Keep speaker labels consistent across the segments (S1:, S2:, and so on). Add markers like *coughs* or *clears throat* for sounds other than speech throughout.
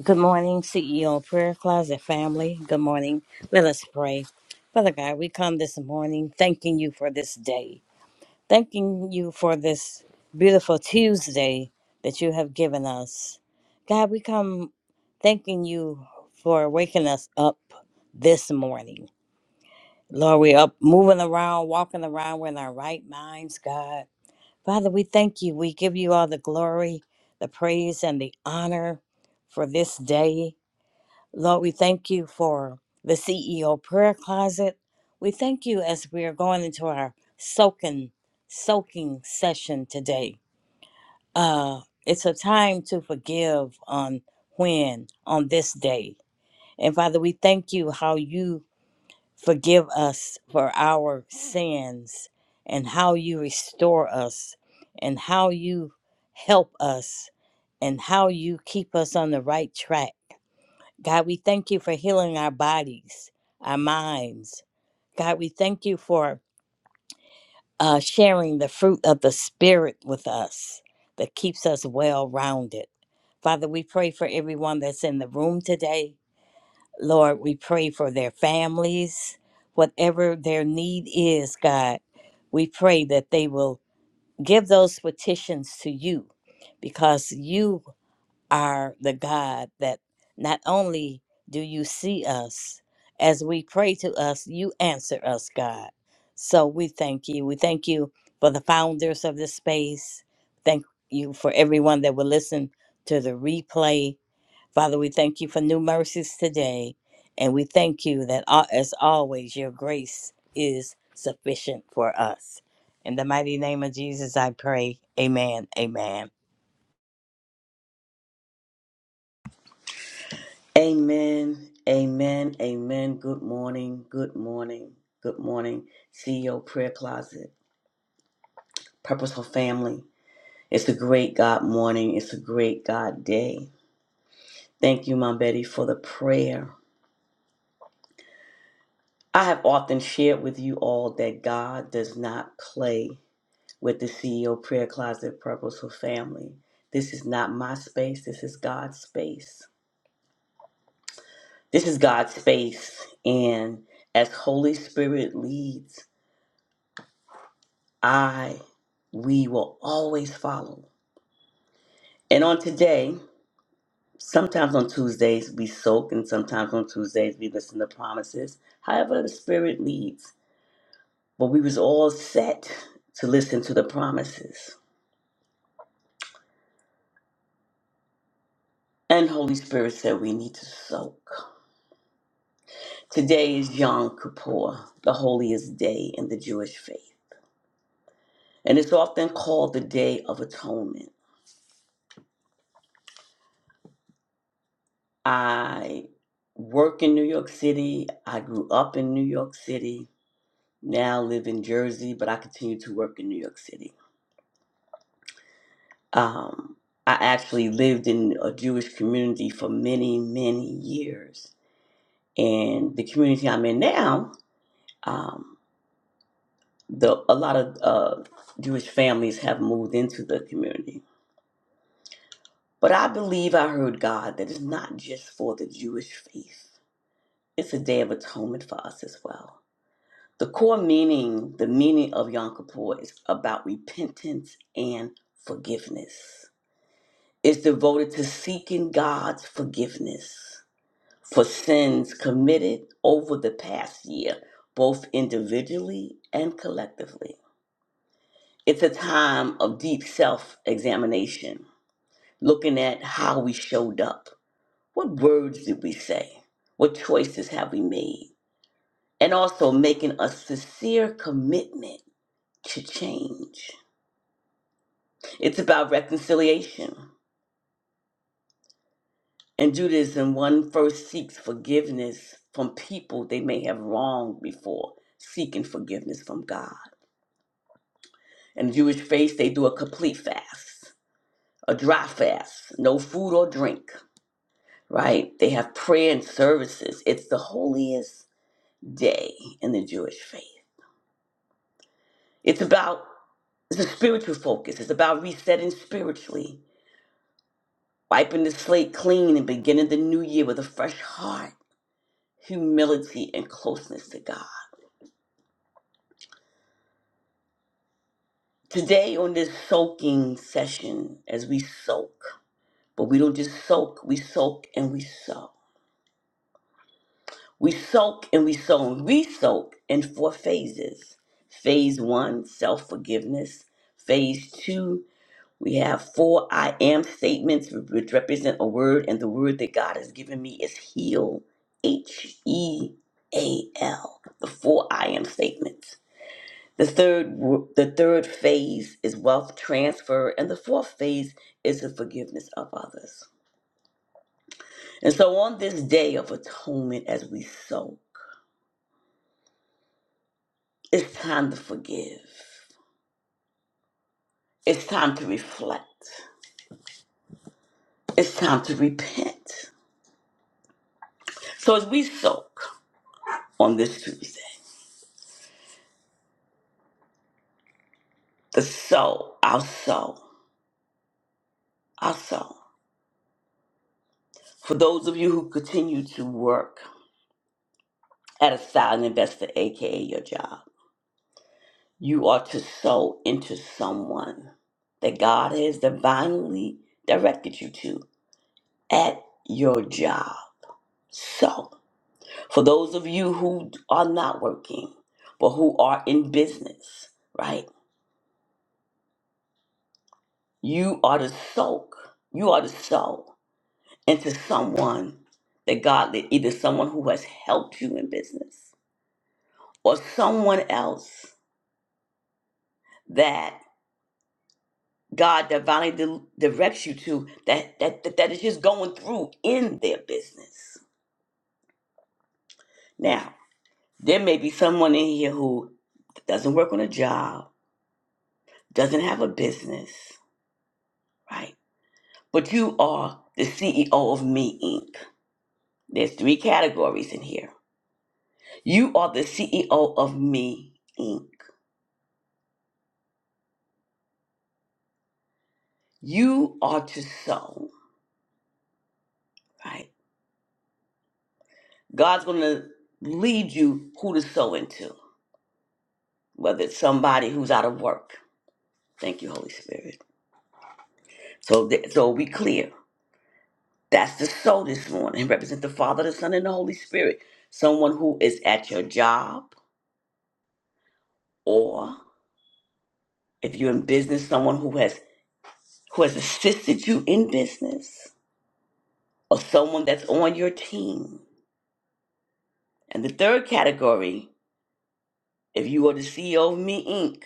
S1: Good morning, CEO Prayer Closet family. Good morning. Let us pray. Father God, we come this morning thanking you for this day, thanking you for this beautiful Tuesday that you have given us. God, we come thanking you for waking us up this morning. Lord, we're up moving around, walking around. We're in our right minds, God. Father, we thank you. We give you all the glory, the praise, and the honor for this day. Lord, we thank you for the CEO prayer closet. We thank you as we are going into our soaking, soaking session today. Uh, it's a time to forgive on when, on this day. And Father, we thank you how you forgive us for our sins and how you restore us and how you help us and how you keep us on the right track God, we thank you for healing our bodies, our minds. God, we thank you for uh, sharing the fruit of the Spirit with us that keeps us well rounded. Father, we pray for everyone that's in the room today. Lord, we pray for their families, whatever their need is, God. We pray that they will give those petitions to you because you are the God that not only do you see us, as we pray to us, you answer us, God. So we thank you. We thank you for the founders of this space. Thank you for everyone that will listen to the replay. Father, we thank you for new mercies today. And we thank you that, al- as always, your grace is sufficient for us. In the mighty name of Jesus, I pray. Amen. Amen.
S2: Amen. Amen. Amen. Good morning. Good morning. Good morning. CEO Prayer Closet, Purposeful Family. It's a great God morning. It's a great God day. Thank you, Mom Betty, for the prayer. I have often shared with you all that God does not play with the CEO Prayer Closet, Purposeful Family. This is not my space. This is God's space. This is God's space. And as Holy Spirit leads, I, we will always follow. And on today, sometimes on Tuesdays we soak, and sometimes on Tuesdays we listen to promises. However, the Spirit leads. But we was all set to listen to the promises. And Holy Spirit said we need to soak. Today is Yom Kippur, the holiest day in the Jewish faith. And it's often called the Day of Atonement. I work in New York City. I grew up in New York City. now live in Jersey, but I continue to work in New York City. Um, I actually lived in a Jewish community for many, many years. And the community I'm in now, um, the, a lot of uh, Jewish families have moved into the community. But I believe I heard God that it's not just for the Jewish faith, it's a day of atonement for us as well. The core meaning, the meaning of Yom Kippur is about repentance and forgiveness is devoted to seeking God's forgiveness for sins committed over the past year, both individually and collectively. It's a time of deep self examination, looking at how we showed up. What words did we say? What choices have we made? And also making a sincere commitment to change. It's about reconciliation And Judaism, one first seeks forgiveness from people they may have wronged before, seeking forgiveness from God. In the Jewish faith, they do a complete fast, a dry fast, no food or drink, right? They have prayer and services. It's the holiest day in the Jewish faith. It's about, it's a spiritual focus. It's about resetting spiritually, wiping the slate clean and beginning the new year with a fresh heart, humility, and closeness to God. Today, on this soaking session, as we soak, but we don't just soak, we soak and we sow. We soak and we sow. We soak in four phases. Phase one, self forgiveness. Phase two, we have four I am statements, which represent a word, and the word that God has given me is heal. H E A L. The four I am statements. The third, w- the third phase is wealth transfer, and the fourth phase is the forgiveness of others. And so, on this day of atonement, as we soak, it's time to forgive. It's time to reflect. It's time to repent. So, as we soak on this Tuesday, the soul, our soul, our soul. For those of you who continue to work at a silent investor, aka your job, You are to sow into someone that God has divinely directed you to at your job. So, for those of you who are not working, but who are in business, right? You are to soak, you are to sow into someone that God led, either someone who has helped you in business or someone else that. God divinely di- directs you to that, that that that is just going through in their business. Now, there may be someone in here who doesn't work on a job, doesn't have a business, right? But you are the CEO of Me Inc. There's three categories in here. You are the CEO of Me Inc. You are to sow, right? God's going to lead you who to sow into, whether it's somebody who's out of work. Thank you, Holy Spirit So, th- so we clear. That's the soul this morning. It represents the Father, the Son, and the Holy Spirit. Someone who is at your job, or if you're in business, someone who has who has assisted you in business, or someone that's on your team. And the third category, if you are the CEO of Me Inc.,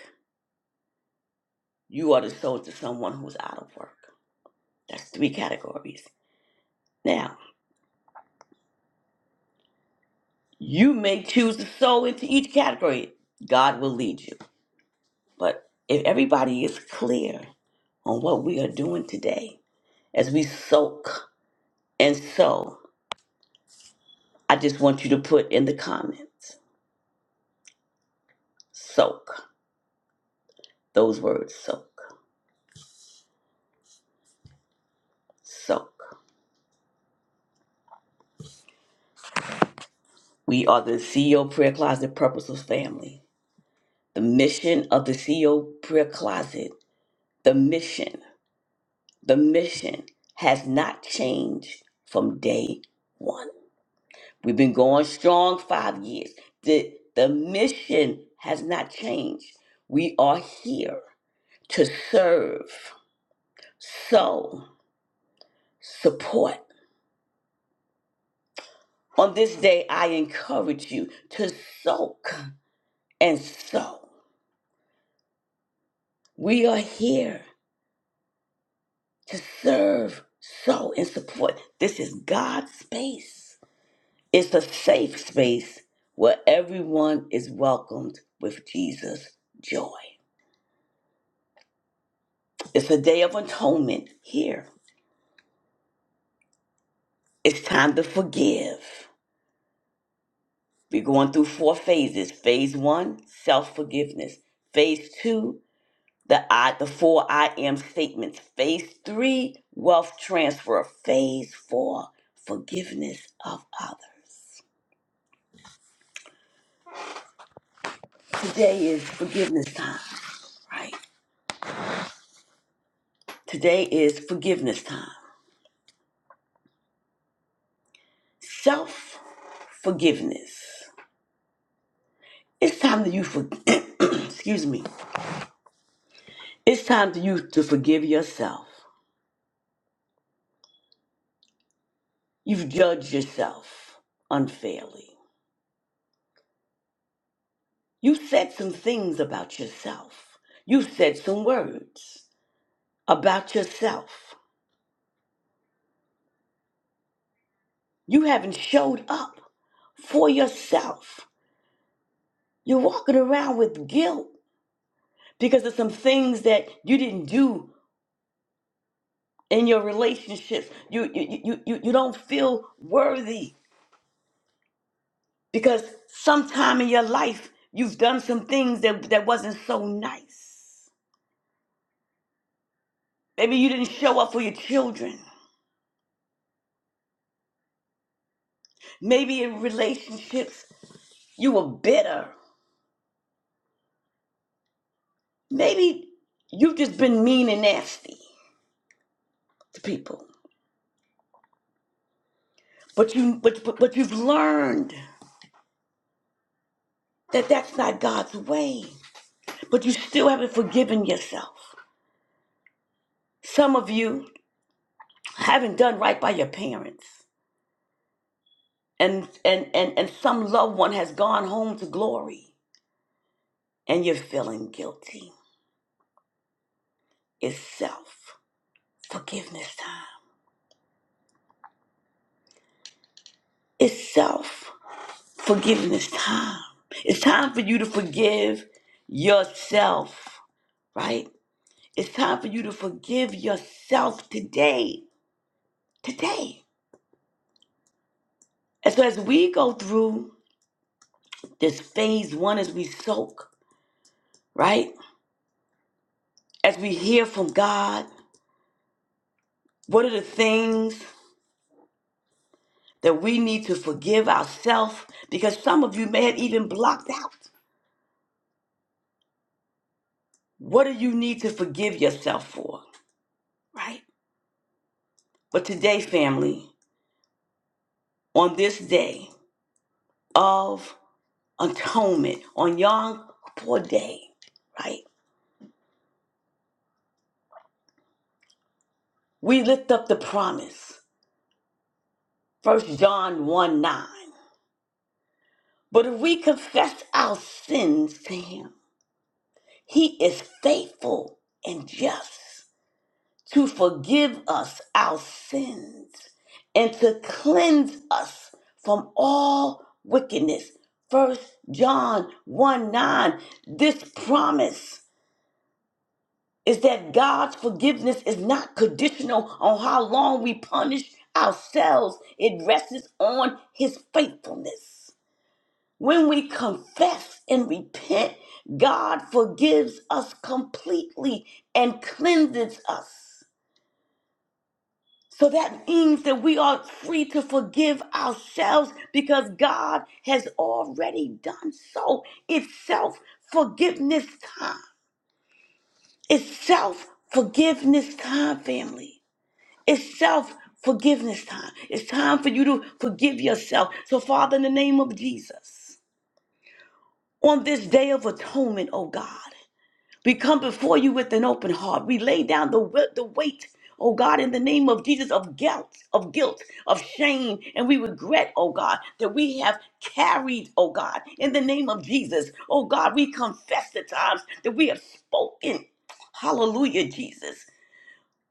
S2: you are the soul to someone who's out of work. That's three categories. Now, you may choose the soul into each category. God will lead you. But if everybody is clear on what we are doing today as we soak and sow, I just want you to put in the comments soak those words soak, soak. We are the CEO Prayer Closet Purposeful Family. The mission of the CEO Prayer Closet, the mission, the mission has not changed from day one. We've been going strong five years. The, the mission has not changed. We are here to serve, sow, support. On this day, I encourage you to soak and sow. We are here to serve, sow, and support. This is God's space. It's a safe space where everyone is welcomed with Jesus' joy. It's a day of atonement here It's time to forgive. We're going through four phases. Phase one, self forgiveness. Phase two, the I, the four I am statements. Phase three, wealth transfer. Phase four, forgiveness of others. Today is forgiveness time, right? Today is forgiveness time. Self forgiveness. It's time that you for *coughs* *clears throat* excuse me. It's time to you to forgive yourself. You've judged yourself unfairly. You've said some things about yourself. You've said some words about yourself. You haven't showed up for yourself. You're walking around with guilt because of some things that you didn't do in your relationships. You you you you, you don't feel worthy because sometime in your life you've done some things that, that wasn't so nice. Maybe you didn't show up for your children. Maybe in relationships, you were bitter. Maybe you've just been mean and nasty to people. But you but but, but you've learned that that's not God's way. But you still haven't forgiven yourself. Some of you haven't done right by your parents. And and and, and some loved one has gone home to glory and you're feeling guilty. It's self. Forgiveness time. It's self. Forgiveness time. It's time for you to forgive yourself, right? It's time for you to forgive yourself today. Today. And so as we go through this phase one, as we soak, right? As we hear from God, what are the things that we need to forgive ourselves? Because some of you may have even blocked out. What do you need to forgive yourself for, right? But today, family, on this day of atonement on Yom Kippur Day, right? We lift up the promise, First John 1 9. But if we confess our sins to Him, He is faithful and just to forgive us our sins and to cleanse us from all wickedness. First John 1 9. This promise is that God's forgiveness is not conditional on how long we punish ourselves. It rests on his faithfulness. When we confess and repent, God forgives us completely and cleanses us. So that means that we are free to forgive ourselves because God has already done so. It's self forgiveness time. It's self forgiveness time, family. It's self forgiveness time. It's time for you to forgive yourself. So, Father, in the name of Jesus, on this day of atonement, oh God, we come before you with an open heart. We lay down the, we- the weight, oh God, in the name of Jesus, of guilt, of guilt, of shame. And we regret, oh God, that we have carried, oh God, in the name of Jesus. Oh God, we confess the times that we have spoken. Hallelujah, Jesus.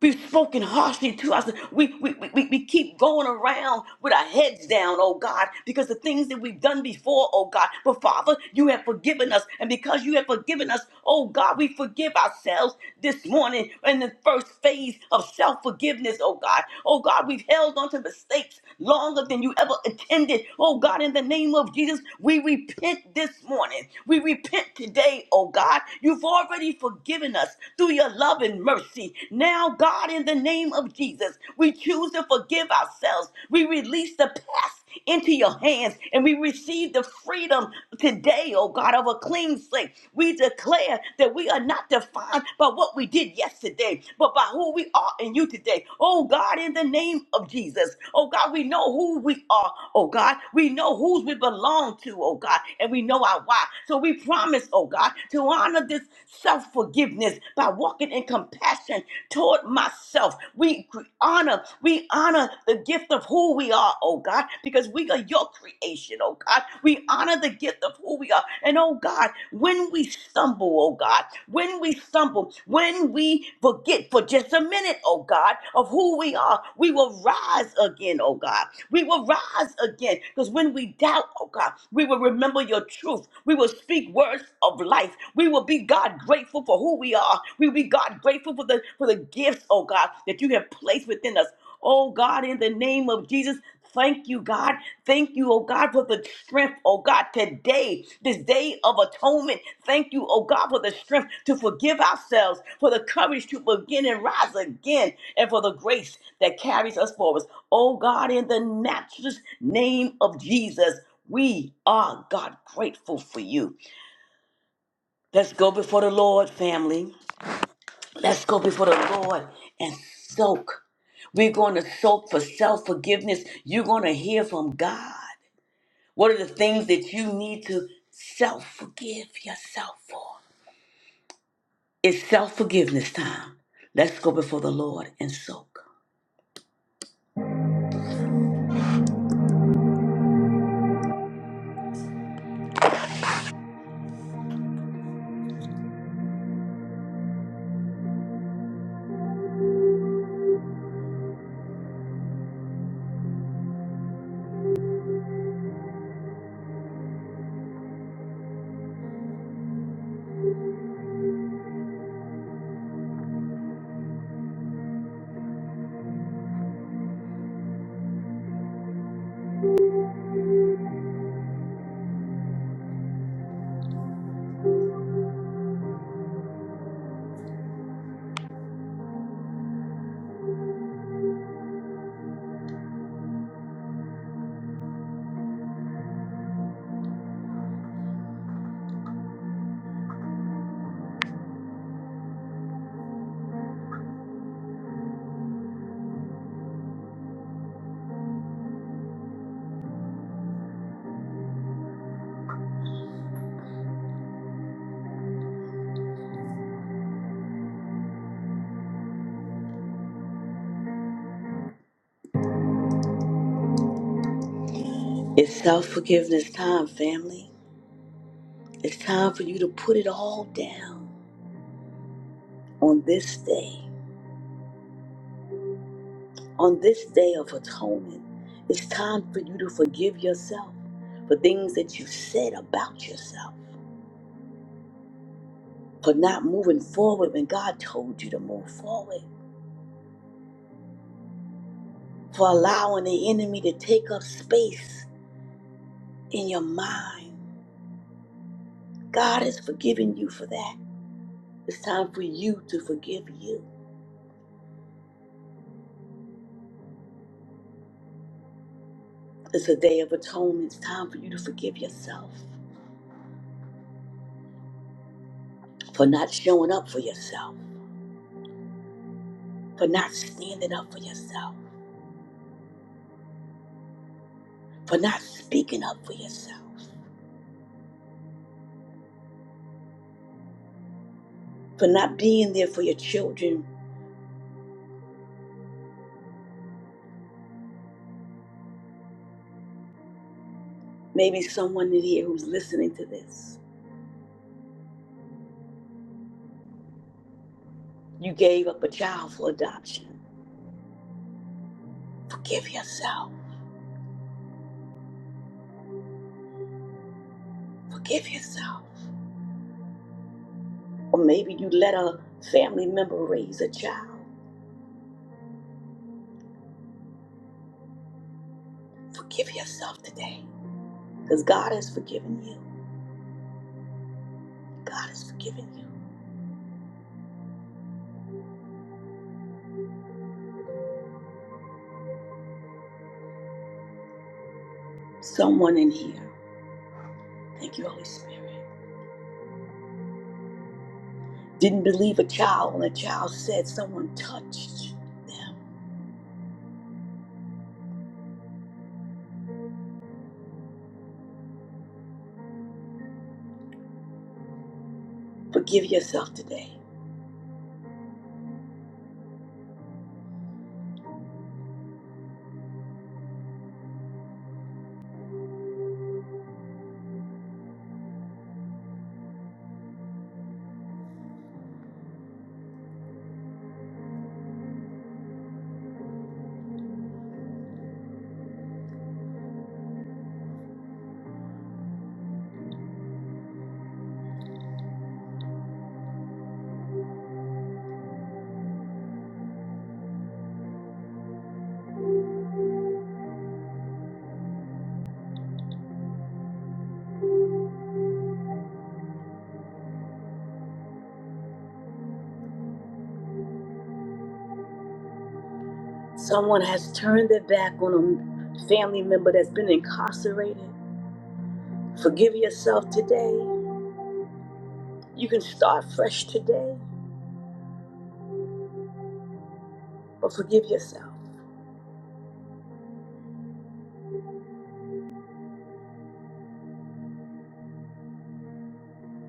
S2: We've spoken harshly to us. We, we, we, we we keep going around with our heads down, oh God, because the things that we've done before, oh God. But Father, you have forgiven us. And because you have forgiven us, oh God, we forgive ourselves this morning in the first phase of self forgiveness, oh God. Oh God, we've held on to mistakes longer than you ever intended. Oh God, in the name of Jesus, we repent this morning. We repent today, oh God. You've already forgiven us through your love love and mercy. Now, God, in the name of Jesus, we choose to forgive ourselves. We release the past into your hands and we receive the freedom today, oh God, of a clean slate. We declare that we are not defined by what we did yesterday, but by who we are in you today. Oh God, in the name of Jesus, oh God, we know who we are, oh God. We know whose we belong to, oh God, and we know our why. So we promise, oh God, to honor this self forgiveness forgiveness by walking in compassion toward myself. We honor, we honor the gift of who we are, oh God, because we are your creation, oh God. We honor the gift of who we are. And oh God, when we stumble, oh God, when we stumble, when we forget for just a minute, oh God, of who we are, we will rise again, oh God. We will rise again because when we doubt, oh God, we will remember your truth. We will speak words of life. We will be God grateful for who we are. We will be God grateful for the for the gifts, oh God, that you have placed within us. Oh God, in the name of Jesus, thank you, God. Thank you, oh God, for the strength, oh God, today, this day of atonement. Thank you, oh God, for the strength to forgive ourselves, for the courage to begin and rise again, and for the grace that carries us forward. Oh God, in the matchless name of Jesus, we are, God, grateful for you. Let's go before the Lord, family. Let's go before the Lord and soak. We're going to soak for self forgiveness. You're going to hear from God. What are the things that you need to self forgive yourself for? It's self forgiveness time. Let's go before the Lord and soak. It's self forgiveness time, family. It's time for you to put it all down on this day. On this day of atonement, it's time for you to forgive yourself for things that you said about yourself, for not moving forward when God told you to move forward, for allowing the enemy to take up space in your mind. God has forgiven you for that. It's time for you to forgive you. It's a day of atonement. It's time for you to forgive yourself for not showing up for yourself, for not standing up for yourself, for not speaking up for yourself. for not being there for your children. Maybe someone in here who's listening to this, you gave up a child for adoption. Forgive yourself. Forgive yourself. Or maybe you let a family member raise a child. Forgive yourself today because God has forgiven you. God has forgiven you. Someone in here, thank you, Holy Spirit, didn't believe a child when a child said someone touched them. Forgive yourself today. Someone has turned their back on a family member that's been incarcerated. Forgive yourself today. You can start fresh today, but forgive yourself.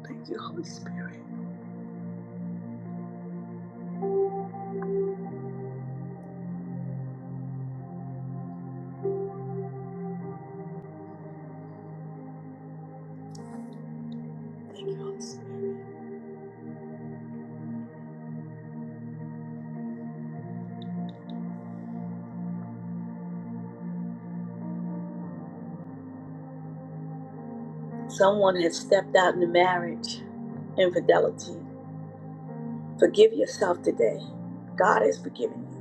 S2: Thank you, Holy Spirit. Thank you, Holy Spirit. Someone has stepped out into marriage, infidelity. Forgive yourself today. God has forgiven you.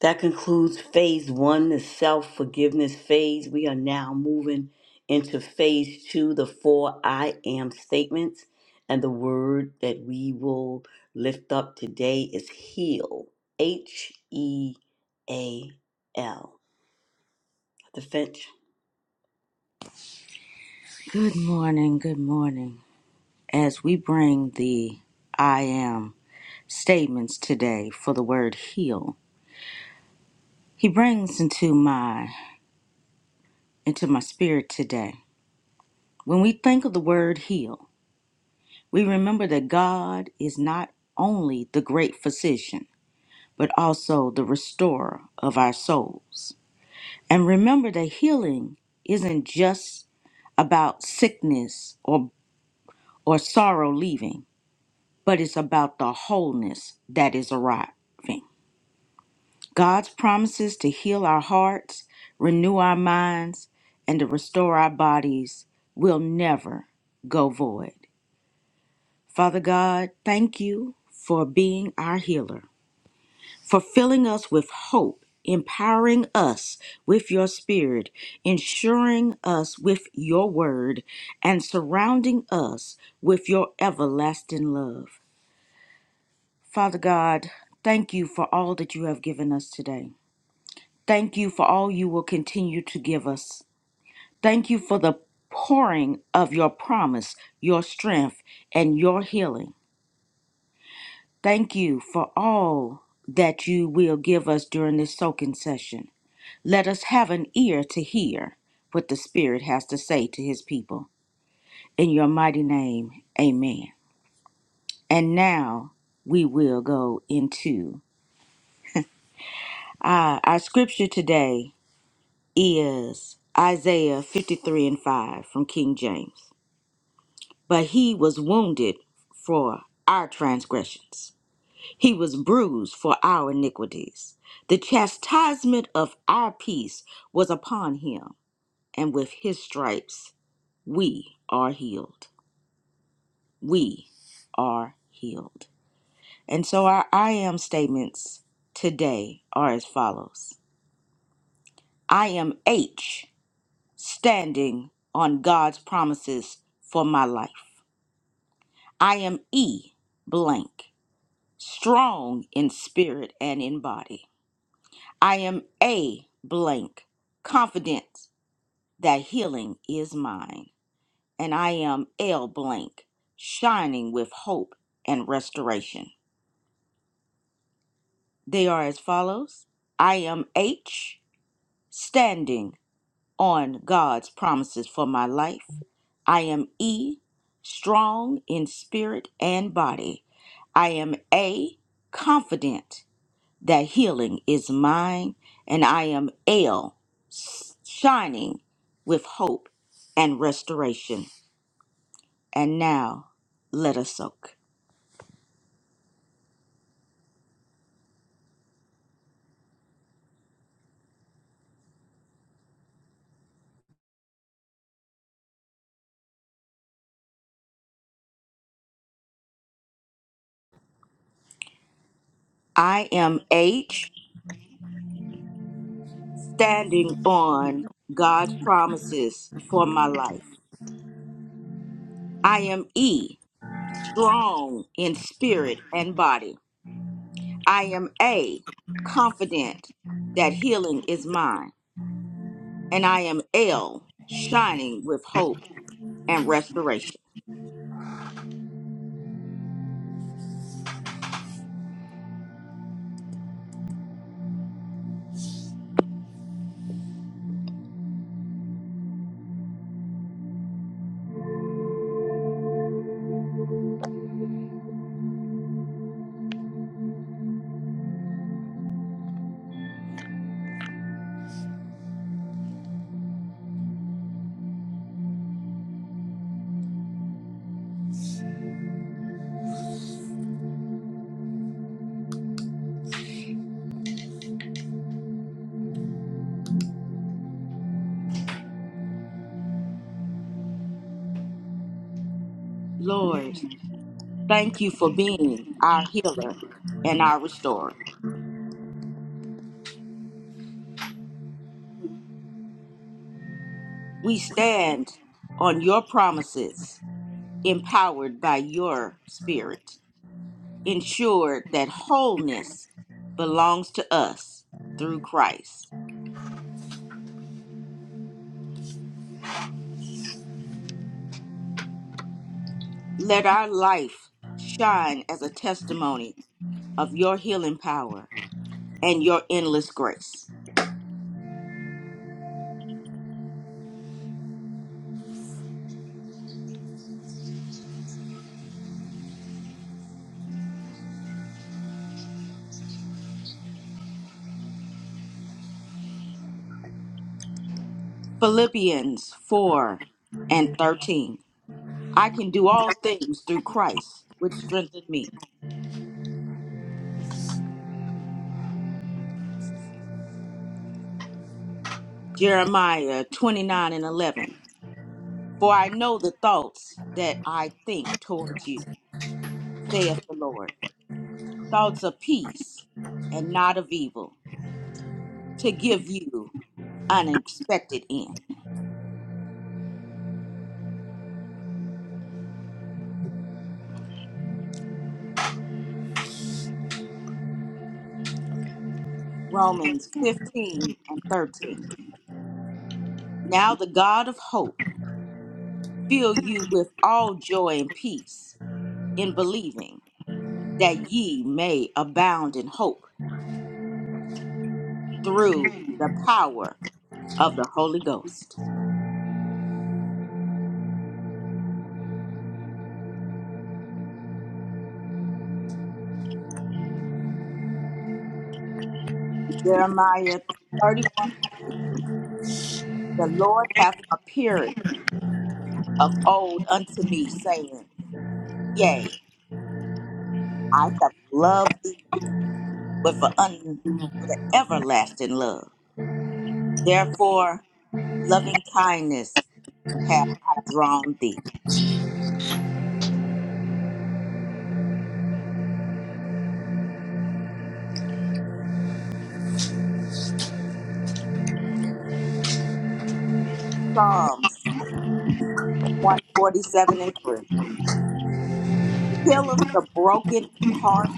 S2: That concludes phase one, the self forgiveness phase. We are now moving into phase two, the four I am statements. And the word that we will lift up today is heal. H E A L. The Finch.
S3: Good morning, good morning. As we bring the I am statements today for the word heal, he brings into my into my spirit today. When we think of the word heal, we remember that God is not only the great physician, but also the restorer of our souls. And remember that healing isn't just about sickness or or sorrow leaving. but it's about the wholeness that is arriving. God's promises to heal our hearts, renew our minds, and to restore our bodies will never go void. Father God, thank you for being our healer, for filling us with hope, empowering us with your spirit, ensuring us with your word, and surrounding us with your everlasting love. Father God, thank you for all that you have given us today. Thank you for all you will continue to give us. Thank you for the pouring of your promise, your strength, and your healing. Thank you for all that you will give us during this soaking session. Let us have an ear to hear what the Spirit has to say to his people. In your mighty name, amen. And now we will go into uh, our scripture today is Isaiah 53 and 5 from King James. But he was wounded for our transgressions, he was bruised for our iniquities. The chastisement of our peace was upon him, and with his stripes we are healed. We are healed. And so our I am statements today are as follows I am H. standing on God's promises for my life. I am E blank, strong in spirit and in body. I am A blank, confident that healing is mine. And I am L blank, shining with hope and restoration. They are as follows I am H, standing on God's promises for my life. I am E, strong in spirit and body. I am A, confident that healing is mine. And I am L, s- shining with hope and restoration. And now let us soak. I am H, standing on God's promises for my life. I am E, strong in spirit and body. I am A, confident that healing is mine, and I am L, shining with hope and restoration. Lord, thank you for being our healer and our restorer. We stand on your promises, empowered by your spirit, ensured that wholeness belongs to us through Christ. Let our life shine as a testimony of your healing power and your endless grace. Philippians 4 and 13. I can do all things through Christ, which strengthened me. Jeremiah 29 and 11. For I know the thoughts that I think towards you, saith the Lord. Thoughts of peace and not of evil, to give you an expected end. Romans 15 and 13. Now the God of hope fill you with all joy and peace in believing that ye may abound in hope through the power of the Holy Ghost. Jeremiah 31 The Lord hath appeared of old unto me, saying, Yea, I have loved thee with, a un, with an everlasting love. Therefore, loving kindness have I drawn thee. Psalms 147 and 3. He healeth the broken in heart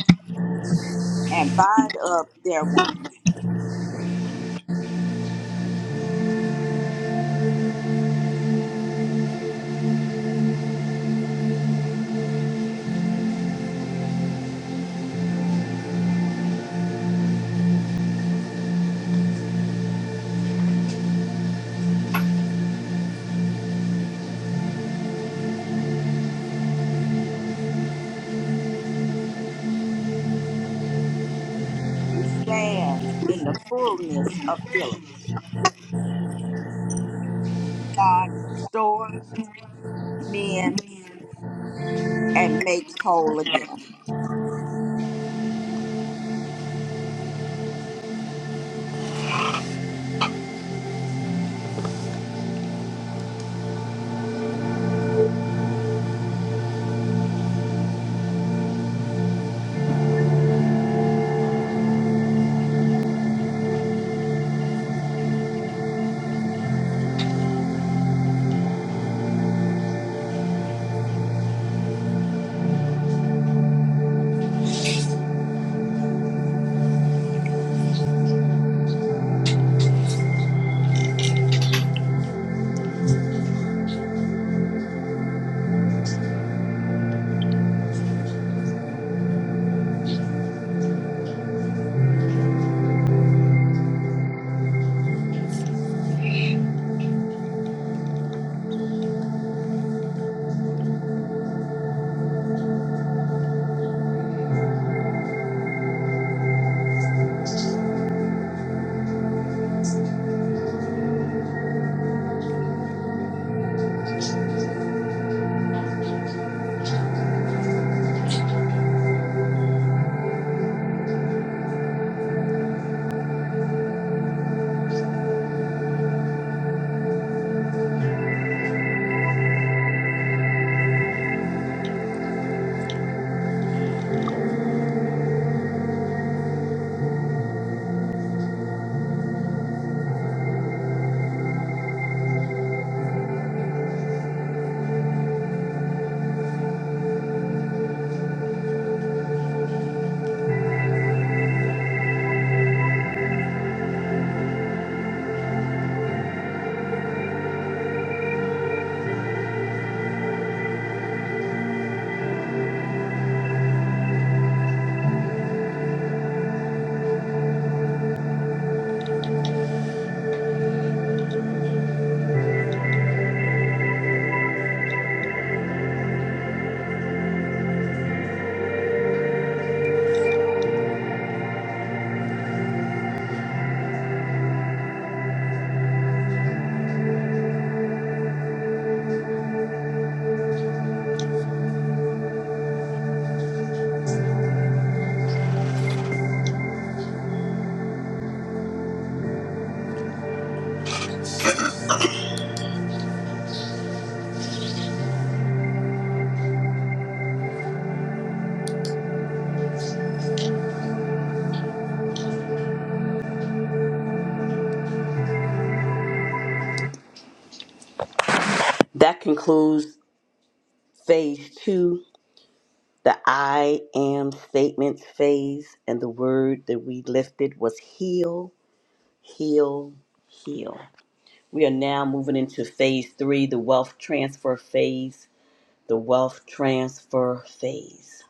S3: and bind up their wounds. We stand in the fullness of healing. remembering that God restores, mends, and makes whole again.
S2: That concludes phase two, the I am statements phase. And the word that we lifted was heal, heal, heal. We are now moving into phase three, the wealth transfer phase. The wealth transfer phase.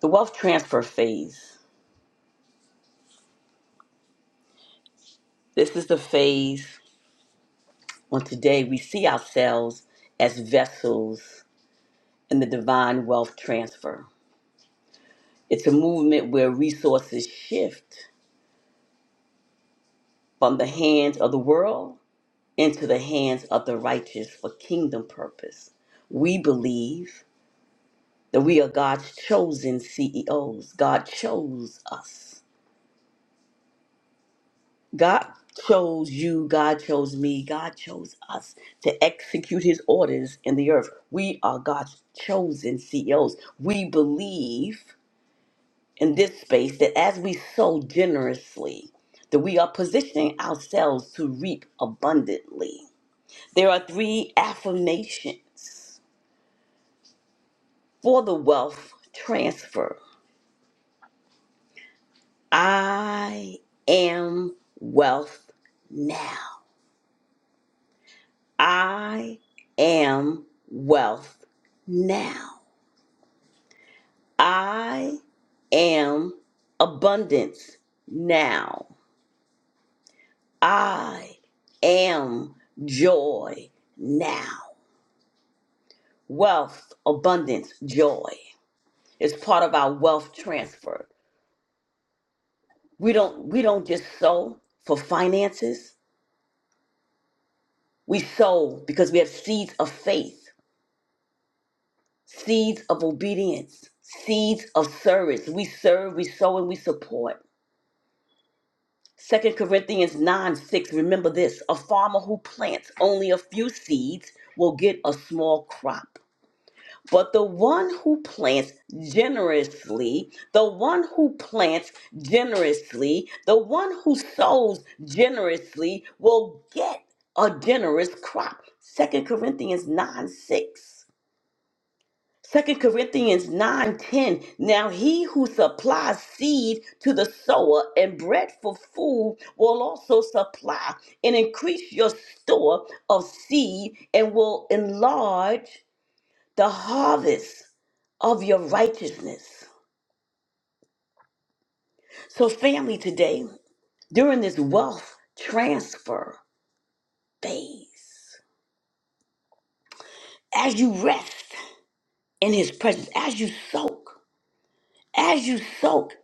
S2: The wealth transfer phase. This is the phase when today we see ourselves as vessels in the divine wealth transfer. It's a movement where resources shift from the hands of the world into the hands of the righteous for kingdom purpose. We believe that we are God's chosen CEOs. God chose us. God chose you, God chose me, God chose us to execute his orders in the earth. We are God's chosen CEOs. We believe in this space that as we sow generously, that we are positioning ourselves to reap abundantly. There are three affirmations for the wealth transfer. I am wealth now. I am wealth now. I am abundance now. I am joy now. Wealth, abundance, joy is part of our wealth transfer. We don't we don't just sow for finances. We sow because we have seeds of faith, seeds of obedience, seeds of service. We serve, we sow, and we support. Second Corinthians 9 6, remember this a farmer who plants only a few seeds will get a small crop. But the one who plants generously, the one who plants generously, the one who sows generously will get a generous crop. Second Corinthians 9 6. Second Corinthians 9 10. Now he who supplies seed to the sower and bread for food will also supply and increase your store of seed and will enlarge the harvest of your righteousness. So, family, today, during this wealth transfer phase, as you rest in his presence, as you soak. As you soak,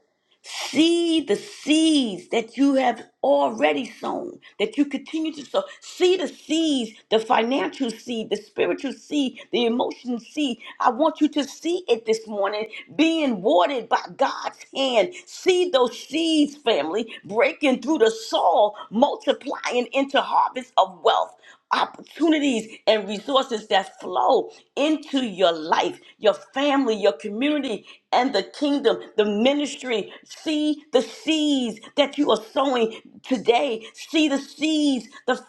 S2: see the seeds that you have already sown, that you continue to sow. See the seeds, the financial seed, the spiritual seed, the emotional seed. I want you to see it this morning, being watered by God's hand. See those seeds, family, breaking through the soil, multiplying into harvest of wealth opportunities and resources that flow into your life, your family, your community, and the kingdom, the ministry. See the seeds that you are sowing today. See the seeds, The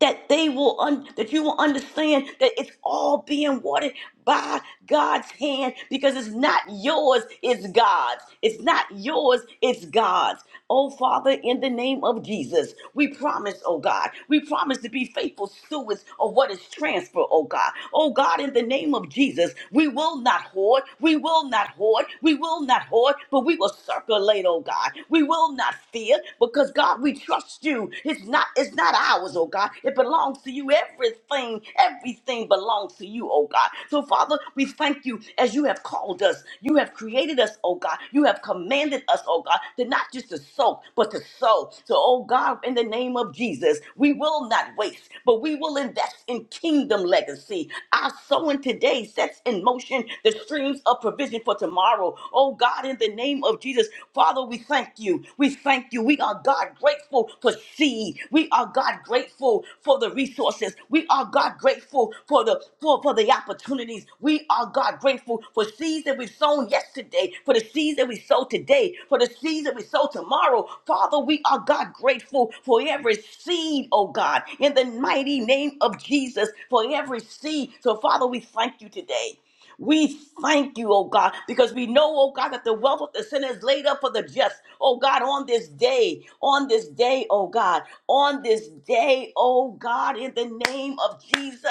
S2: that they will un- that you will understand that it's all being watered by God's hand because it's not yours, it's God's. It's not yours, it's God's. Oh Father, in the name of Jesus, we promise, oh God, we promise to be faithful stewards of what is transferred, oh God. Oh God, in the name of Jesus, we will not hoard, we will not hoard, we will not hoard, but we will circulate, oh God. We will not fear because God, we trust you. It's not it's not ours, oh God. It belongs to you. Everything, everything belongs to you, oh God. So Father, we thank you as you have called us. You have created us, oh God. You have commanded us, oh God, to not just to soak, but to sow. So, oh God, in the name of Jesus, we will not waste, but we will invest in kingdom legacy. Our sowing today sets in motion the streams of provision for tomorrow. Oh God, in in the name of Jesus. Father, we thank you. We thank you. We are God grateful for seed. We are God grateful for the resources. We are God grateful for the for, for the opportunities. We are God grateful for seeds that we've sown yesterday, for the seeds that we sow today, for the seeds that we sow tomorrow. Father, we are God grateful for every seed, oh God, in the mighty name of Jesus, for every seed. So Father, we thank you today. We thank you, oh God, because we know, oh God, that the wealth of the sinner is laid up for the just, oh God, on this day, on this day, oh God, on this day, oh God, in the name of Jesus,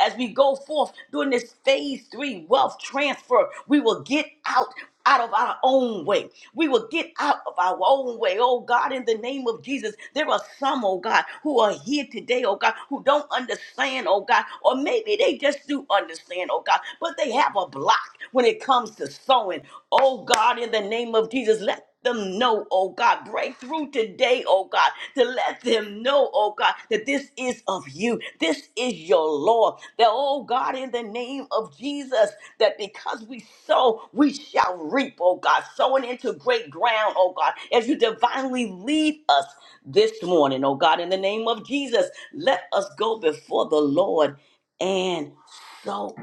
S2: as we go forth during this phase three wealth transfer, we will get out out of our own way. We will get out of our own way. Oh God, in the name of Jesus, there are some, oh God, who are here today, oh God, who don't understand, oh God, or maybe they just do understand, oh God, but they have a block when it comes to sowing. Oh God, in the name of Jesus, let them know, oh God, breakthrough today, oh God, to let them know, oh God, that this is of you. This is your Lord. That, oh God, in the name of Jesus, that because we sow, we shall reap, oh God, sowing into great ground, oh God, as you divinely lead us this morning, oh God, in the name of Jesus, let us go before the Lord and sow.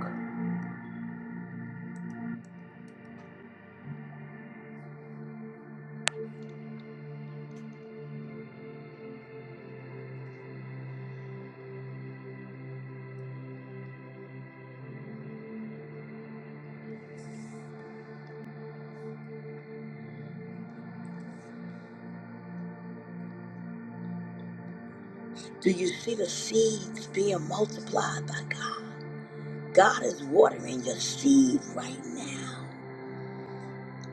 S2: Do you see the seeds being multiplied by God? God is watering your seed right now.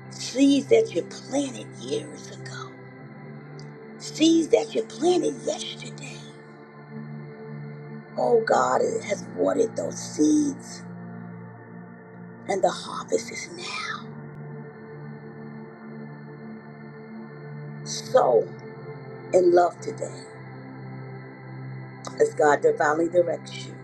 S2: Seeds that you planted years ago. Seeds that you planted yesterday. Oh, God has watered those seeds, and the harvest is now. Sow in love today as God divinely directs you.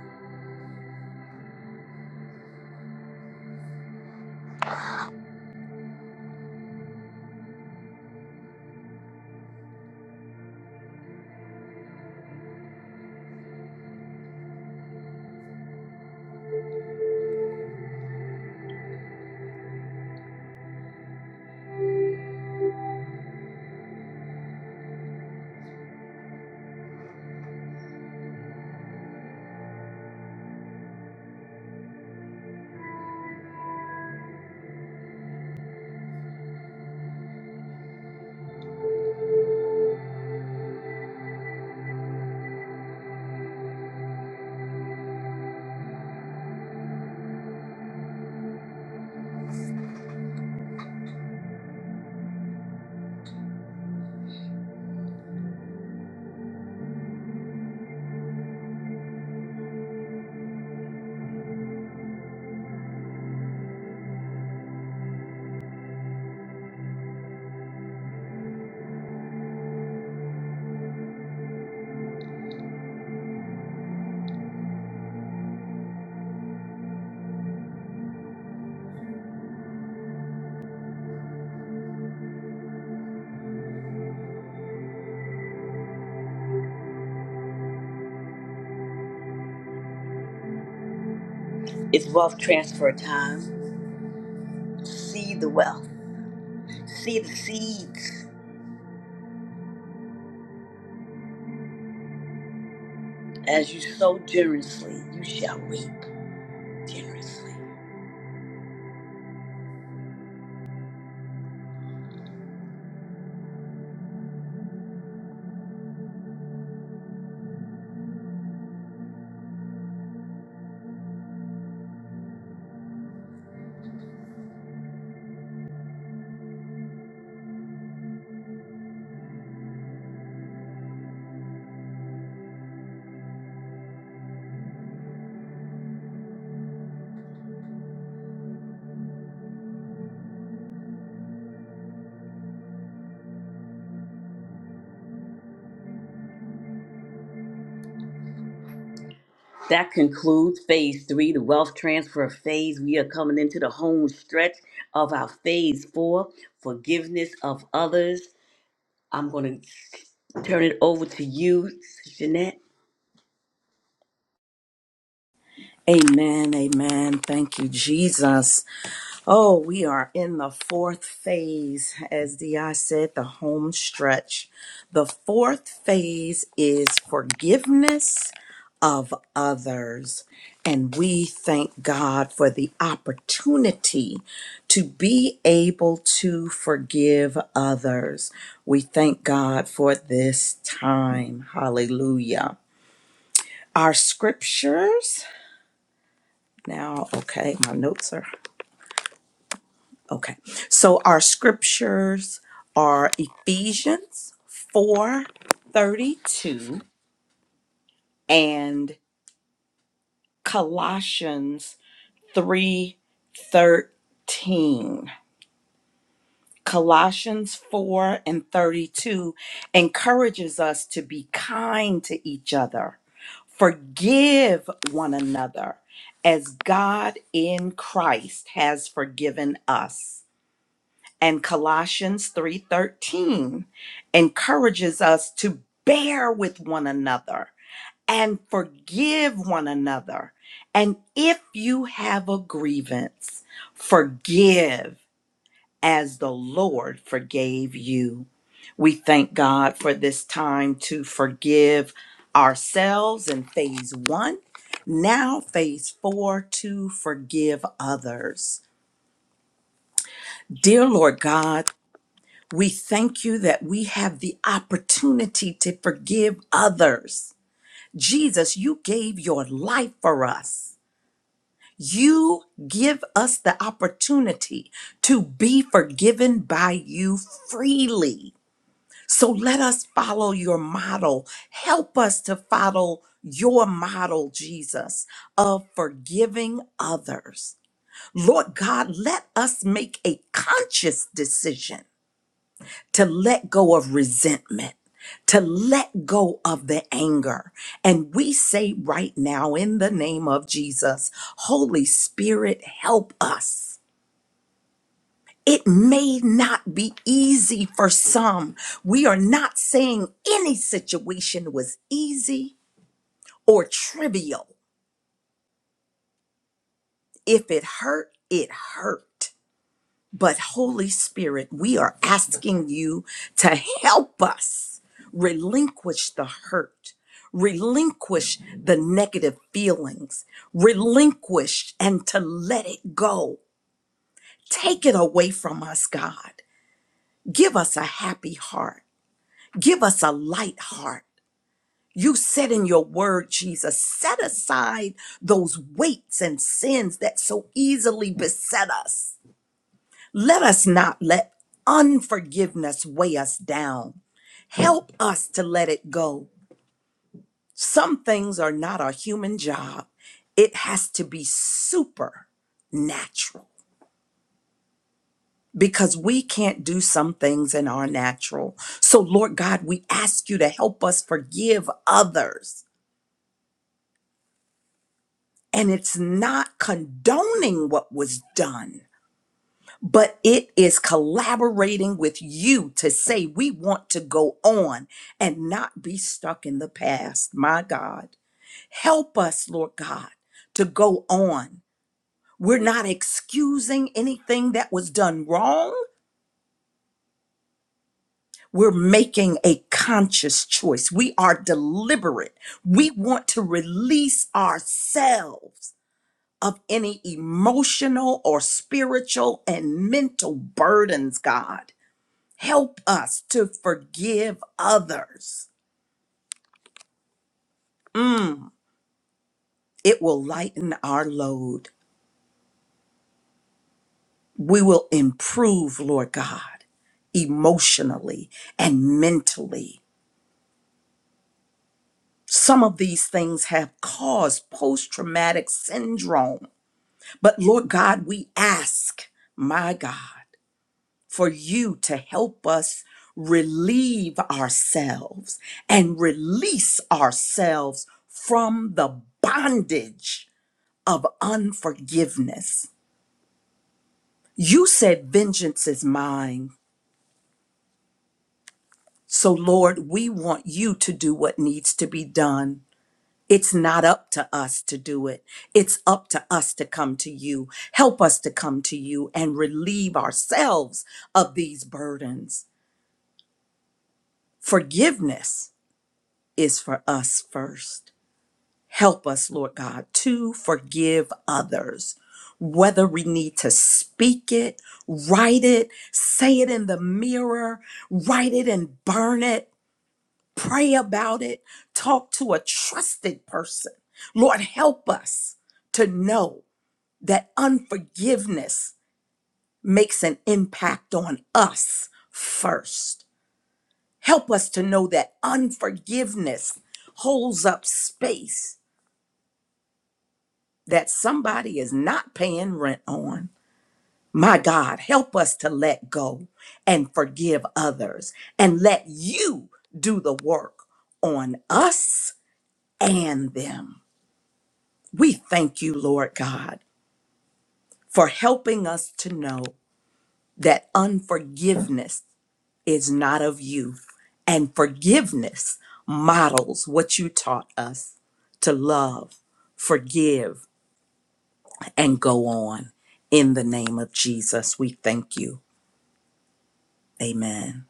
S2: It's wealth transfer time. See the wealth. See the seeds. As you sow generously, you shall reap generously. That concludes phase three, the wealth transfer phase. We are coming into the home stretch of our phase four, forgiveness of others. I'm going to turn it over to you, Jeanette.
S4: Amen, amen. Thank you, Jesus. Oh, we are in the fourth phase, as Di said, the home stretch. The fourth phase is forgiveness of others. And we thank God for the opportunity to be able to forgive others. We thank God for this time. Hallelujah. Our scriptures. Now, okay, my notes are okay. So our scriptures are Ephesians 4 32 and Colossians 3 13. Colossians 4 and 32 encourages us to be kind to each other, forgive one another as God in Christ has forgiven us. and Colossians 3:13 encourages us to bear with one another and forgive one another. And if you have a grievance, forgive as the Lord forgave you. We thank God for this time to forgive ourselves in phase 1. Now phase 4 to forgive others. Dear Lord God, We thank you that we have the opportunity to forgive others. Jesus, you gave your life for us. You give us the opportunity to be forgiven by you freely. So let us follow your model. Help us to follow your model, Jesus, of forgiving others. Lord God, let us make a conscious decision to let go of resentment, to let go of the anger. And we say right now, in the name of Jesus, Holy Spirit, help us. It may not be easy for some. We are not saying any situation was easy or trivial. If it hurt, it hurt. But Holy Spirit, we are asking you to help us relinquish the hurt, relinquish the negative feelings, relinquish and to let it go. Take it away from us, God. Give us a happy heart. Give us a light heart. You said in your word, Jesus, set aside those weights and sins that so easily beset us Let us not let unforgiveness weigh us down. Help us to let it go. Some things are not a human job, it has to be supernatural because we can't do some things in our natural. So, Lord God, we ask you to help us forgive others. And it's not condoning what was done but it is collaborating with you to say we want to go on and not be stuck in the past. My God, help us, Lord God, to go on. We're not excusing anything that was done wrong. We're making a conscious choice. We are deliberate. We want to release ourselves of any emotional or spiritual and mental burdens, God Help us to forgive others. Mm, it will lighten our load. We will improve, Lord God, emotionally and mentally. Some of these things have caused post traumatic syndrome. But Lord God, we ask, my God, for you to help us relieve ourselves and release ourselves from the bondage of unforgiveness. You said, Vengeance is mine. So, Lord, we want you to do what needs to be done. It's not up to us to do it. It's up to us to come to you. Help us to come to you and relieve ourselves of these burdens. Forgiveness is for us first. Help us, Lord God, to forgive others, whether we need to speak it, write it, say it in the mirror, write it and burn it, pray about it, talk to a trusted person. Lord, help us to know that unforgiveness makes an impact on us first. Help us to know that unforgiveness holds up space that somebody is not paying rent on. My God, help us to let go and forgive others and let you do the work on us and them. We thank you, Lord God, for helping us to know that unforgiveness is not of you and forgiveness models what you taught us to love, forgive, and go on. In the name of Jesus, we thank you. Amen.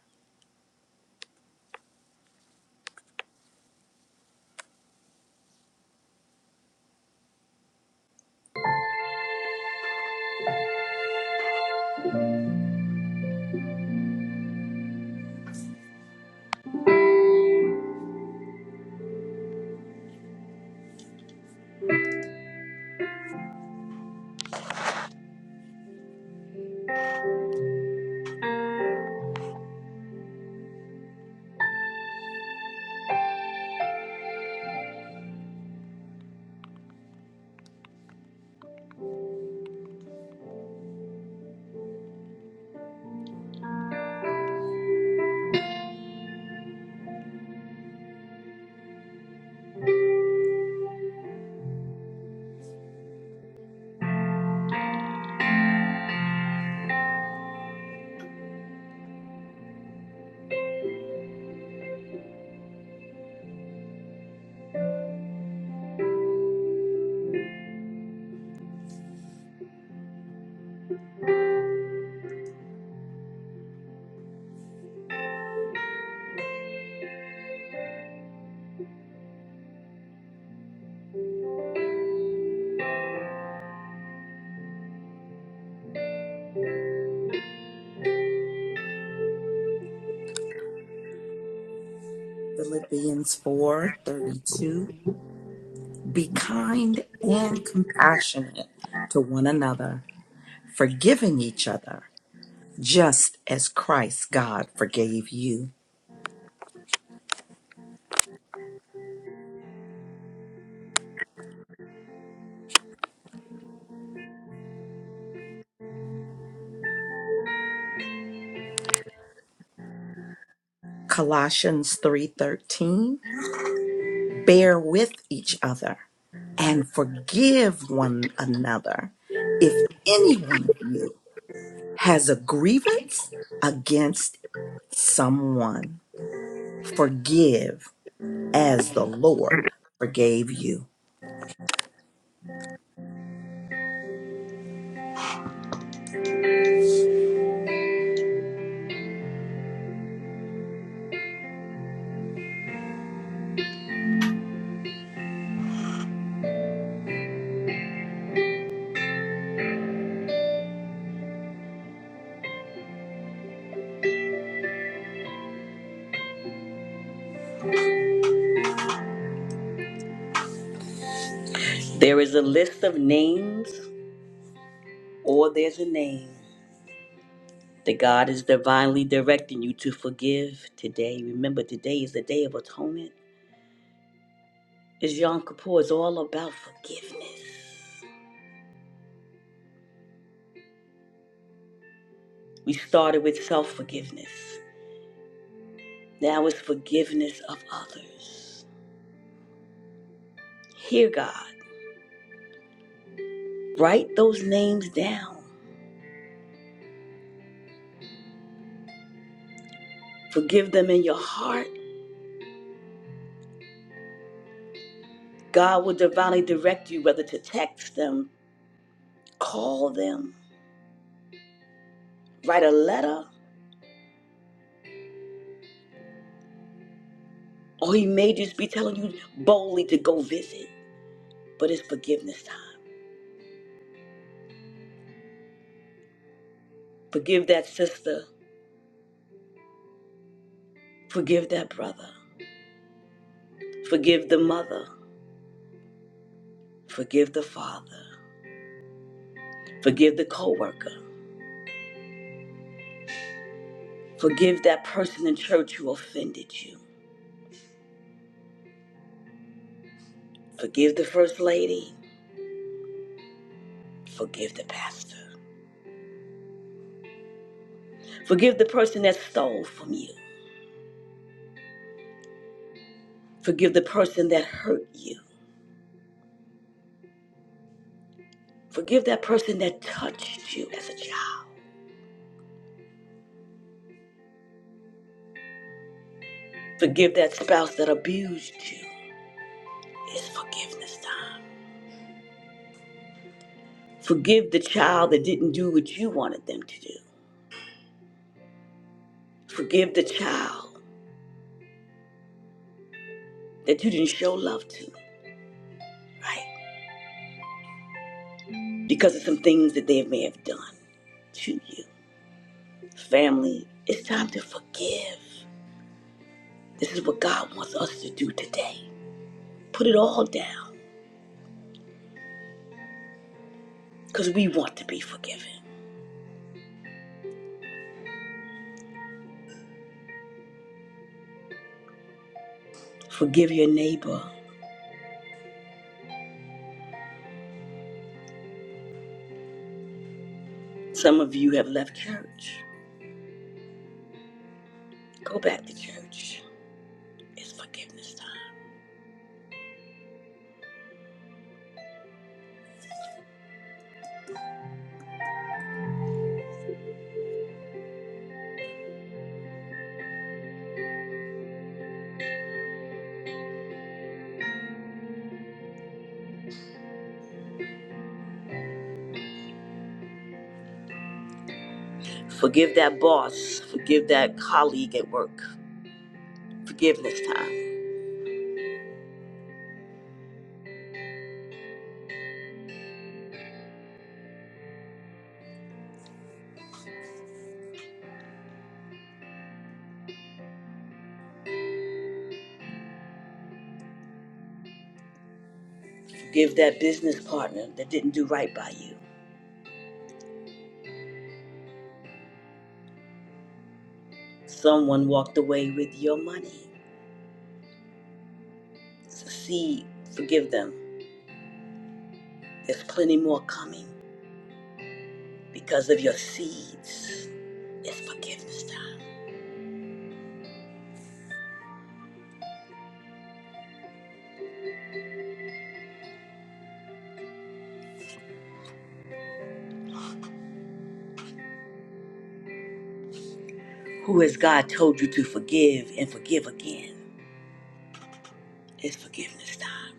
S4: Philippians 4 32: Be kind and compassionate to one another, forgiving each other, just as Christ God forgave you. Colossians 3 13: Bear with each other and forgive one another if any one of you has a grievance against someone. Forgive as the Lord forgave you.
S2: There is a list of names, or there's a name that God is divinely directing you to forgive today. Remember, today is the day of atonement. As Yom Kippur is all about forgiveness. We started with self forgiveness, now it's forgiveness of others. Hear God. Write those names down. Forgive them in your heart. God will divinely direct you whether to text them, call them, write a letter, or He may just be telling you boldly to go visit. But it's forgiveness time. Forgive that sister. Forgive that brother. Forgive the mother. Forgive the father. Forgive the coworker. Forgive that person in church who offended you. Forgive the first lady. Forgive the pastor. Forgive the person that stole from you. Forgive the person that hurt you. Forgive that person that touched you as a child. Forgive that spouse that abused you. It's forgiveness time. Forgive the child that didn't do what you wanted them to do. Forgive the child that you didn't show love to, right? Because of some things that they may have done to you. Family, it's time to forgive. This is what God wants us to do today. Put it all down because we want to be forgiven. Forgive your neighbor. Some of you have left church. Go back to church. It's forgiveness time. Forgive that boss. Forgive that colleague at work. Forgiveness time. Forgive that business partner that didn't do right by you. Someone walked away with your money. Seed. Forgive them. There's plenty more coming because of your seeds. It's forgiveness time. Who has God told you to forgive and forgive again? It's forgiveness time.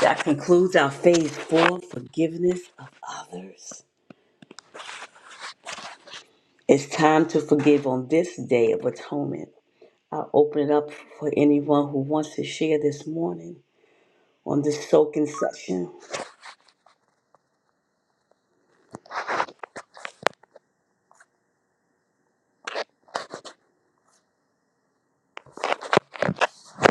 S2: That concludes our phase four forgiveness of others. It's time to forgive on this day of atonement. I'll open it up for anyone who wants to share this morning on this soaking session.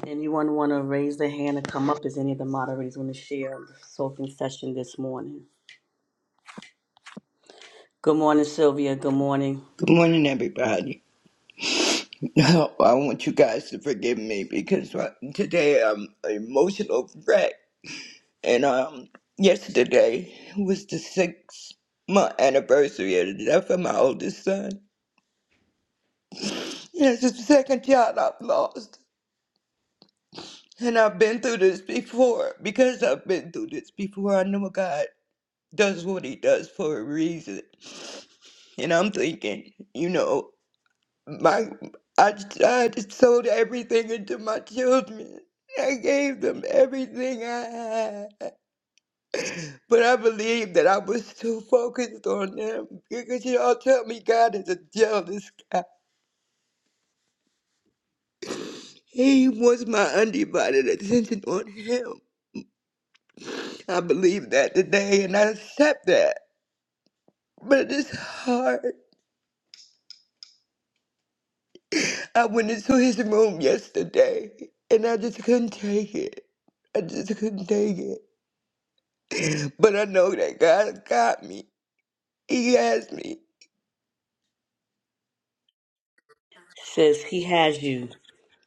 S2: Anyone want to raise their hand and come up? Is any of the moderators want to share the soaking session this morning? Good morning, Sylvia. Good morning.
S5: Good morning, everybody. *laughs* Now, I want you guys to forgive me because uh, today I'm an emotional wreck. And um, yesterday was the six month anniversary of the death of my oldest son. And it's the second child I've lost. And I've been through this before because I've been through this before. I know God does what He does for a reason. And I'm thinking, you know. My, I, I just sold everything into my children. I gave them everything I had. But I believe that I was too focused on them because y'all tell me God is a jealous God. He wants my undivided attention on Him. I believe that today and I accept that. But it's hard. I went into his room yesterday and I just couldn't take it. I just couldn't take it. But I know that God got me. He has me.
S2: Says he has you.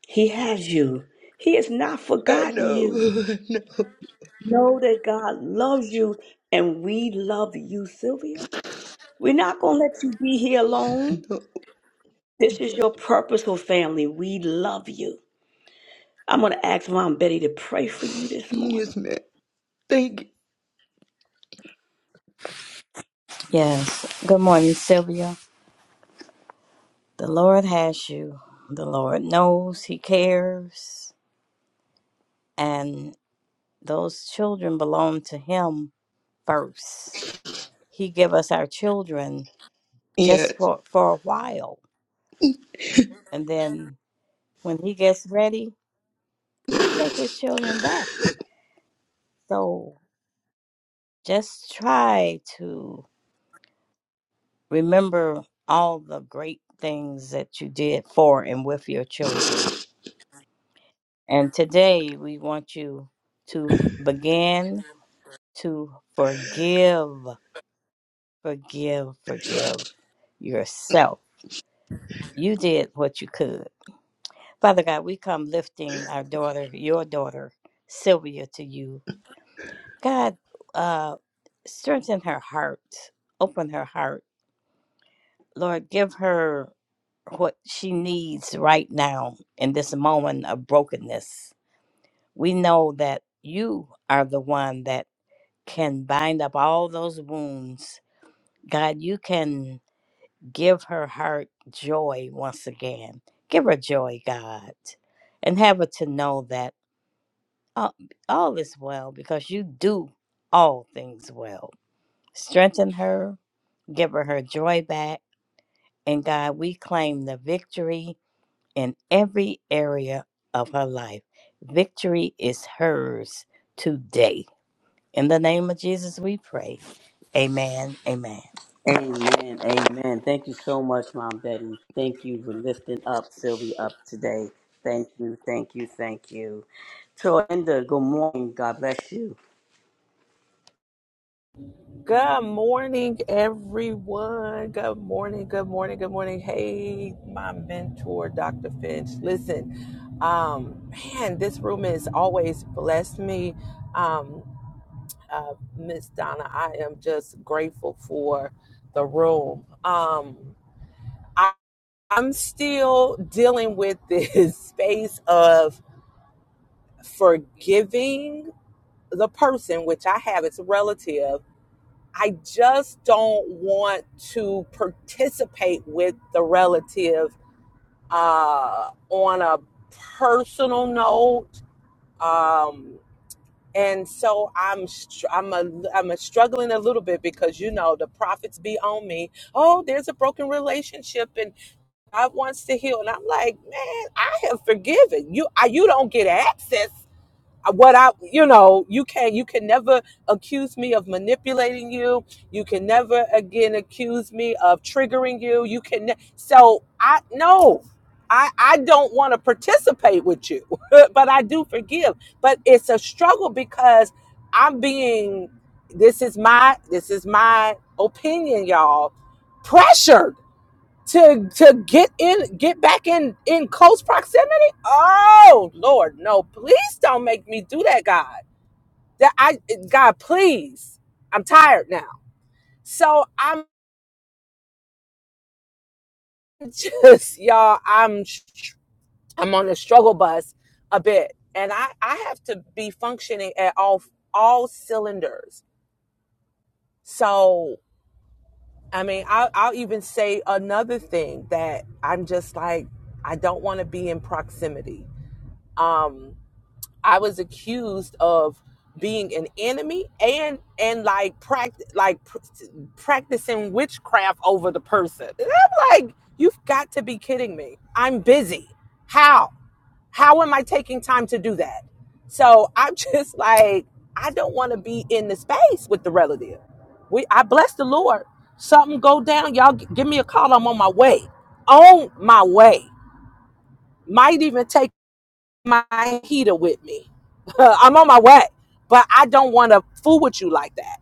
S2: He has you. He has not
S5: I
S2: forgotten
S5: know. *laughs*
S2: you.
S5: I know. I
S2: Know that God loves you and we love you, Sylvia. We're not going to let you be here alone.
S5: know.
S2: This is your purposeful family. We love you. I'm going to ask Mom Betty to pray for you this morning.
S5: Yes, man. Thank
S1: Yes. Good morning, Sylvia. The Lord has you. The Lord knows He cares, and those children belong to Him first. He give us our children
S5: you.
S1: just for for a while, and then when He gets ready,
S5: Yes.
S1: He take His children back. So just try to remember all the great things that you did for and with your children. And today we want you to begin to forgive, forgive, forgive yourself. You did what you could. Father God, we come lifting our daughter, your daughter, Sylvia, to you. God, uh, strengthen her heart, open her heart. Lord, give her what she needs right now in this moment of brokenness. We know that you are the one that can bind up all those wounds. God, you can Give her heart joy once again. Give her joy, God, and have her to know that all, all is well because you do all things well. Strengthen her, give her her joy back, and God, we claim the victory in every area of her life. Victory is hers today. In the name of Jesus, we pray. Amen. Amen.
S2: Amen. Amen. Thank you so much, Mom Betty. Thank you for lifting up Sylvia up today. Thank you. Thank you. Thank you. Torinda, good morning. God bless you.
S6: Good morning, everyone. Good morning. Good morning. Good morning. Hey, my mentor, Dr. Finch. Listen, um, man, this room has always blessed me. Um, uh, Miss Donna, I am just grateful for the room. Um, I, I'm still dealing with this *laughs* space of forgiving the person, which I have. It's a relative I just don't want to participate with the relative uh, on a personal note, um, and so I'm str- I'm a, I'm a struggling a little bit because you know the prophets be on me. Oh, there's a broken relationship, and God wants to heal, and I'm like, man, I have forgiven you. I, you don't get access uh, what I, you know, you can you can never accuse me of manipulating you. You can never again accuse me of triggering you. You can ne- so I no, I I don't want to participate with you, *laughs* but I do forgive. But it's a struggle because I'm being this is my this is my opinion, y'all. Pressured to to get in get back in in close proximity oh lord no please don't make me do that god that i god please i'm tired now so i'm *laughs* just y'all i'm i'm on the struggle bus a bit and i i have to be functioning at all all cylinders so i mean i'll, I'll even say another thing that i'm just like i don't want to be in proximity Um. I was accused of being an enemy and and like practice like pr- practicing witchcraft over the person. And I'm like, you've got to be kidding me. I'm busy. How? How am I taking time to do that? So I'm *laughs* just like, I don't want to be in the space with the relative. We, I bless the Lord. Something go down, y'all. g- Give me a call. I'm on my way. On my way. Might even take my heater with me. *laughs* I'm on my way, but I don't want to fool with you like that,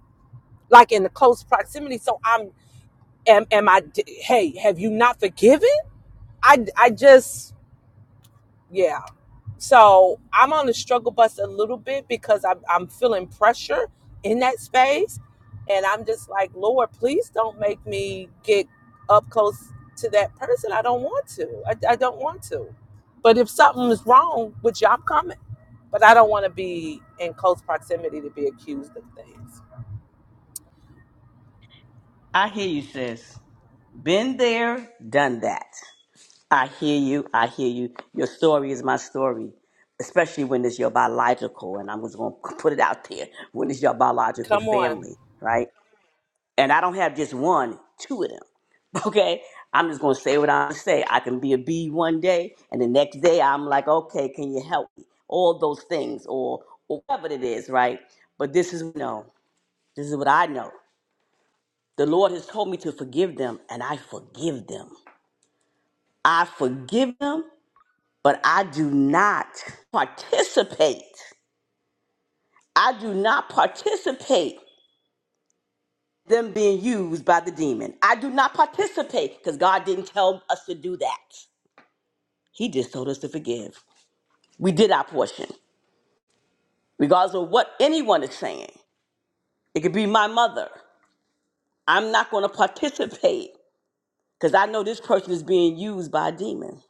S6: like in the close proximity. So I'm, am, am I? I? Hey, have you not forgiven? I, I just, yeah. So I'm on the struggle bus a little bit because I'm, I'm feeling pressure in that space. And I'm just like, Lord, please don't make me get up close to that person. I don't want to. I, I don't want to. But if something is wrong with you, I'm coming. But I don't want to be in close proximity to be accused of things.
S2: I hear you, sis. Been there, done that. I hear you. I hear you. Your story is my story, especially when it's your biological. And I'm just going to *laughs* put it out there when it's your biological
S6: Come on.
S2: family, right? And I don't have just one, two of them, *laughs* okay? I'm just going to say what I say. I can be a B one day, and the next day I'm like, okay, can you help me? All those things, or, or whatever it is, right? But this is no. This is what I know. The Lord has told me to forgive them, and I forgive them. I forgive them but I do not participate. I do not participate them being used by the demon. I do not participate because God didn't tell us to do that. He just told us to forgive. We did our portion, regardless of what anyone is saying. It could be my mother. I'm not going to participate because I know this person is being used by a demon.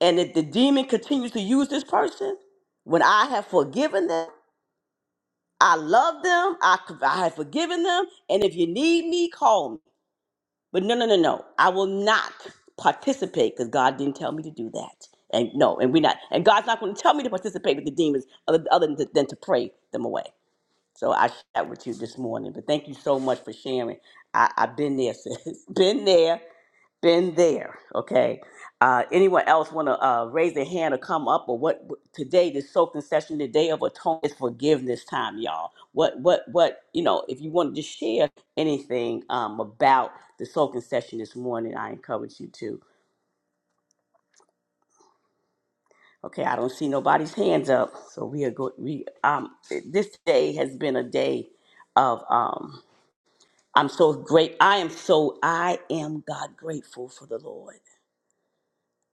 S2: And if the demon continues to use this person, when I have forgiven them. I love them. I, I have forgiven them. And if you need me, call me. But no, no, no, no. I will not participate because God didn't tell me to do that. And no, and we're not. And God's not going to tell me to participate with the demons other, other than, than to pray them away. So I shared with you this morning. But thank you so much for sharing. I, I've been there, *laughs* sis. Been there been there, okay. Uh, anyone else want to uh, raise their hand or come up or what? Today, this soaking session, the day of atonement, is forgiveness time, y'all. What, what, what? You know, if you wanted to share anything um, about the soaking session this morning, I encourage you to. Okay, I don't see nobody's hands up, so we are go. We um, this day has been a day of um. I'm so great. I am so. I am God grateful for the Lord.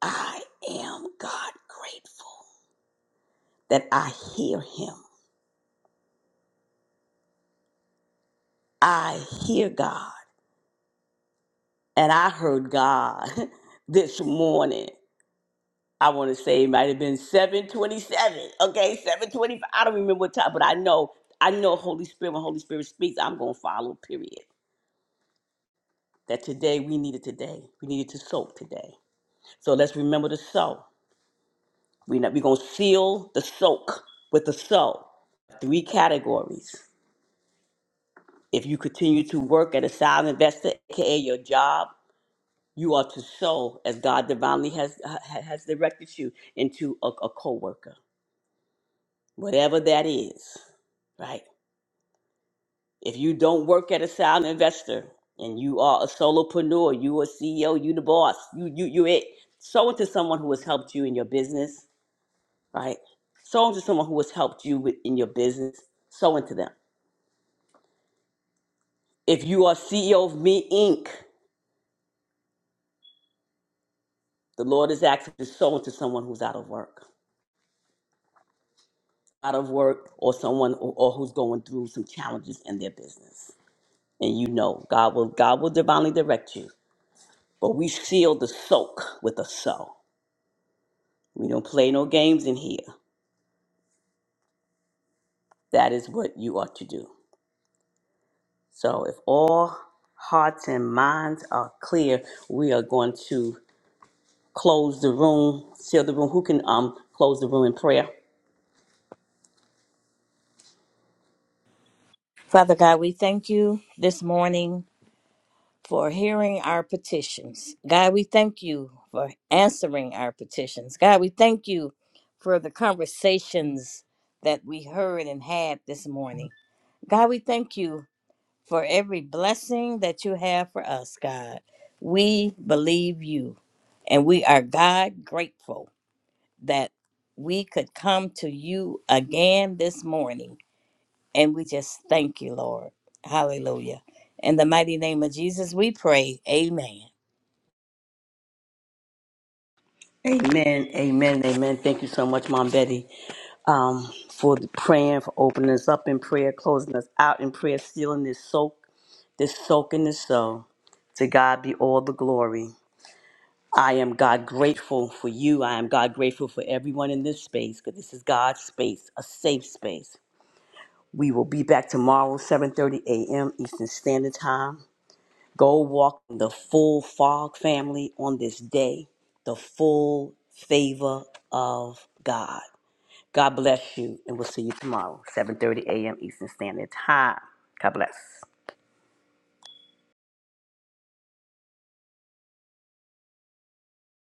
S2: I am God grateful. that I hear him. I hear God. And I heard God *laughs* this morning. I want to say it might have been 727. Okay, 725. I don't remember what time, but I know, I know Holy Spirit, when Holy Spirit speaks, I'm gonna follow, period. That today we needed today. We needed to soak today. So let's remember to soak. We're not, we're gonna seal the soak with the soak. Three categories. If you continue to work at a silent investor, aka your job, You are to sow as God divinely has ha- has directed you into a, a co-worker, whatever that is, right? If you don't work at a sound investor and you are a solopreneur, you a CEO, you the boss, you you you it. Sow into someone who has helped you in your business, right? Sow into someone who has helped you with, in your business. Sow into them. If you are CEO of Me Inc., the Lord is asking you to sow into someone who's out of work. out of work or someone or, or who's going through some challenges in their business. And you know, God will God will divinely direct you. But we seal the soak with a so. We don't play no games in here. That is what you ought to do. So if all hearts and minds are clear, we are going to close the room, seal the room. Who can um close the room in prayer?
S1: Father God, we thank you this morning for hearing our petitions. God, we thank you for answering our petitions. God, we thank you for the conversations that we heard and had this morning. God, we thank you for every blessing that you have for us, God. We believe you, and we are God grateful that we could come to you again this morning. And we just thank you, Lord. Hallelujah. In the mighty name of Jesus, we pray. Amen.
S2: Amen. Amen. Amen. Thank you so much, Mom Betty. um, for the praying, for opening us up in prayer, closing us out in prayer, sealing this soak, this soak in this soul. To God be all the glory. I am God grateful for you. I am God grateful for everyone in this space because this is God's space, a safe space. We will be back tomorrow, 7:30 a.m. Eastern Standard Time. Go walk the full fog family on this day, the full favor of God. God bless you, and we'll see you tomorrow, 7.30 a.m. Eastern Standard Time. God bless.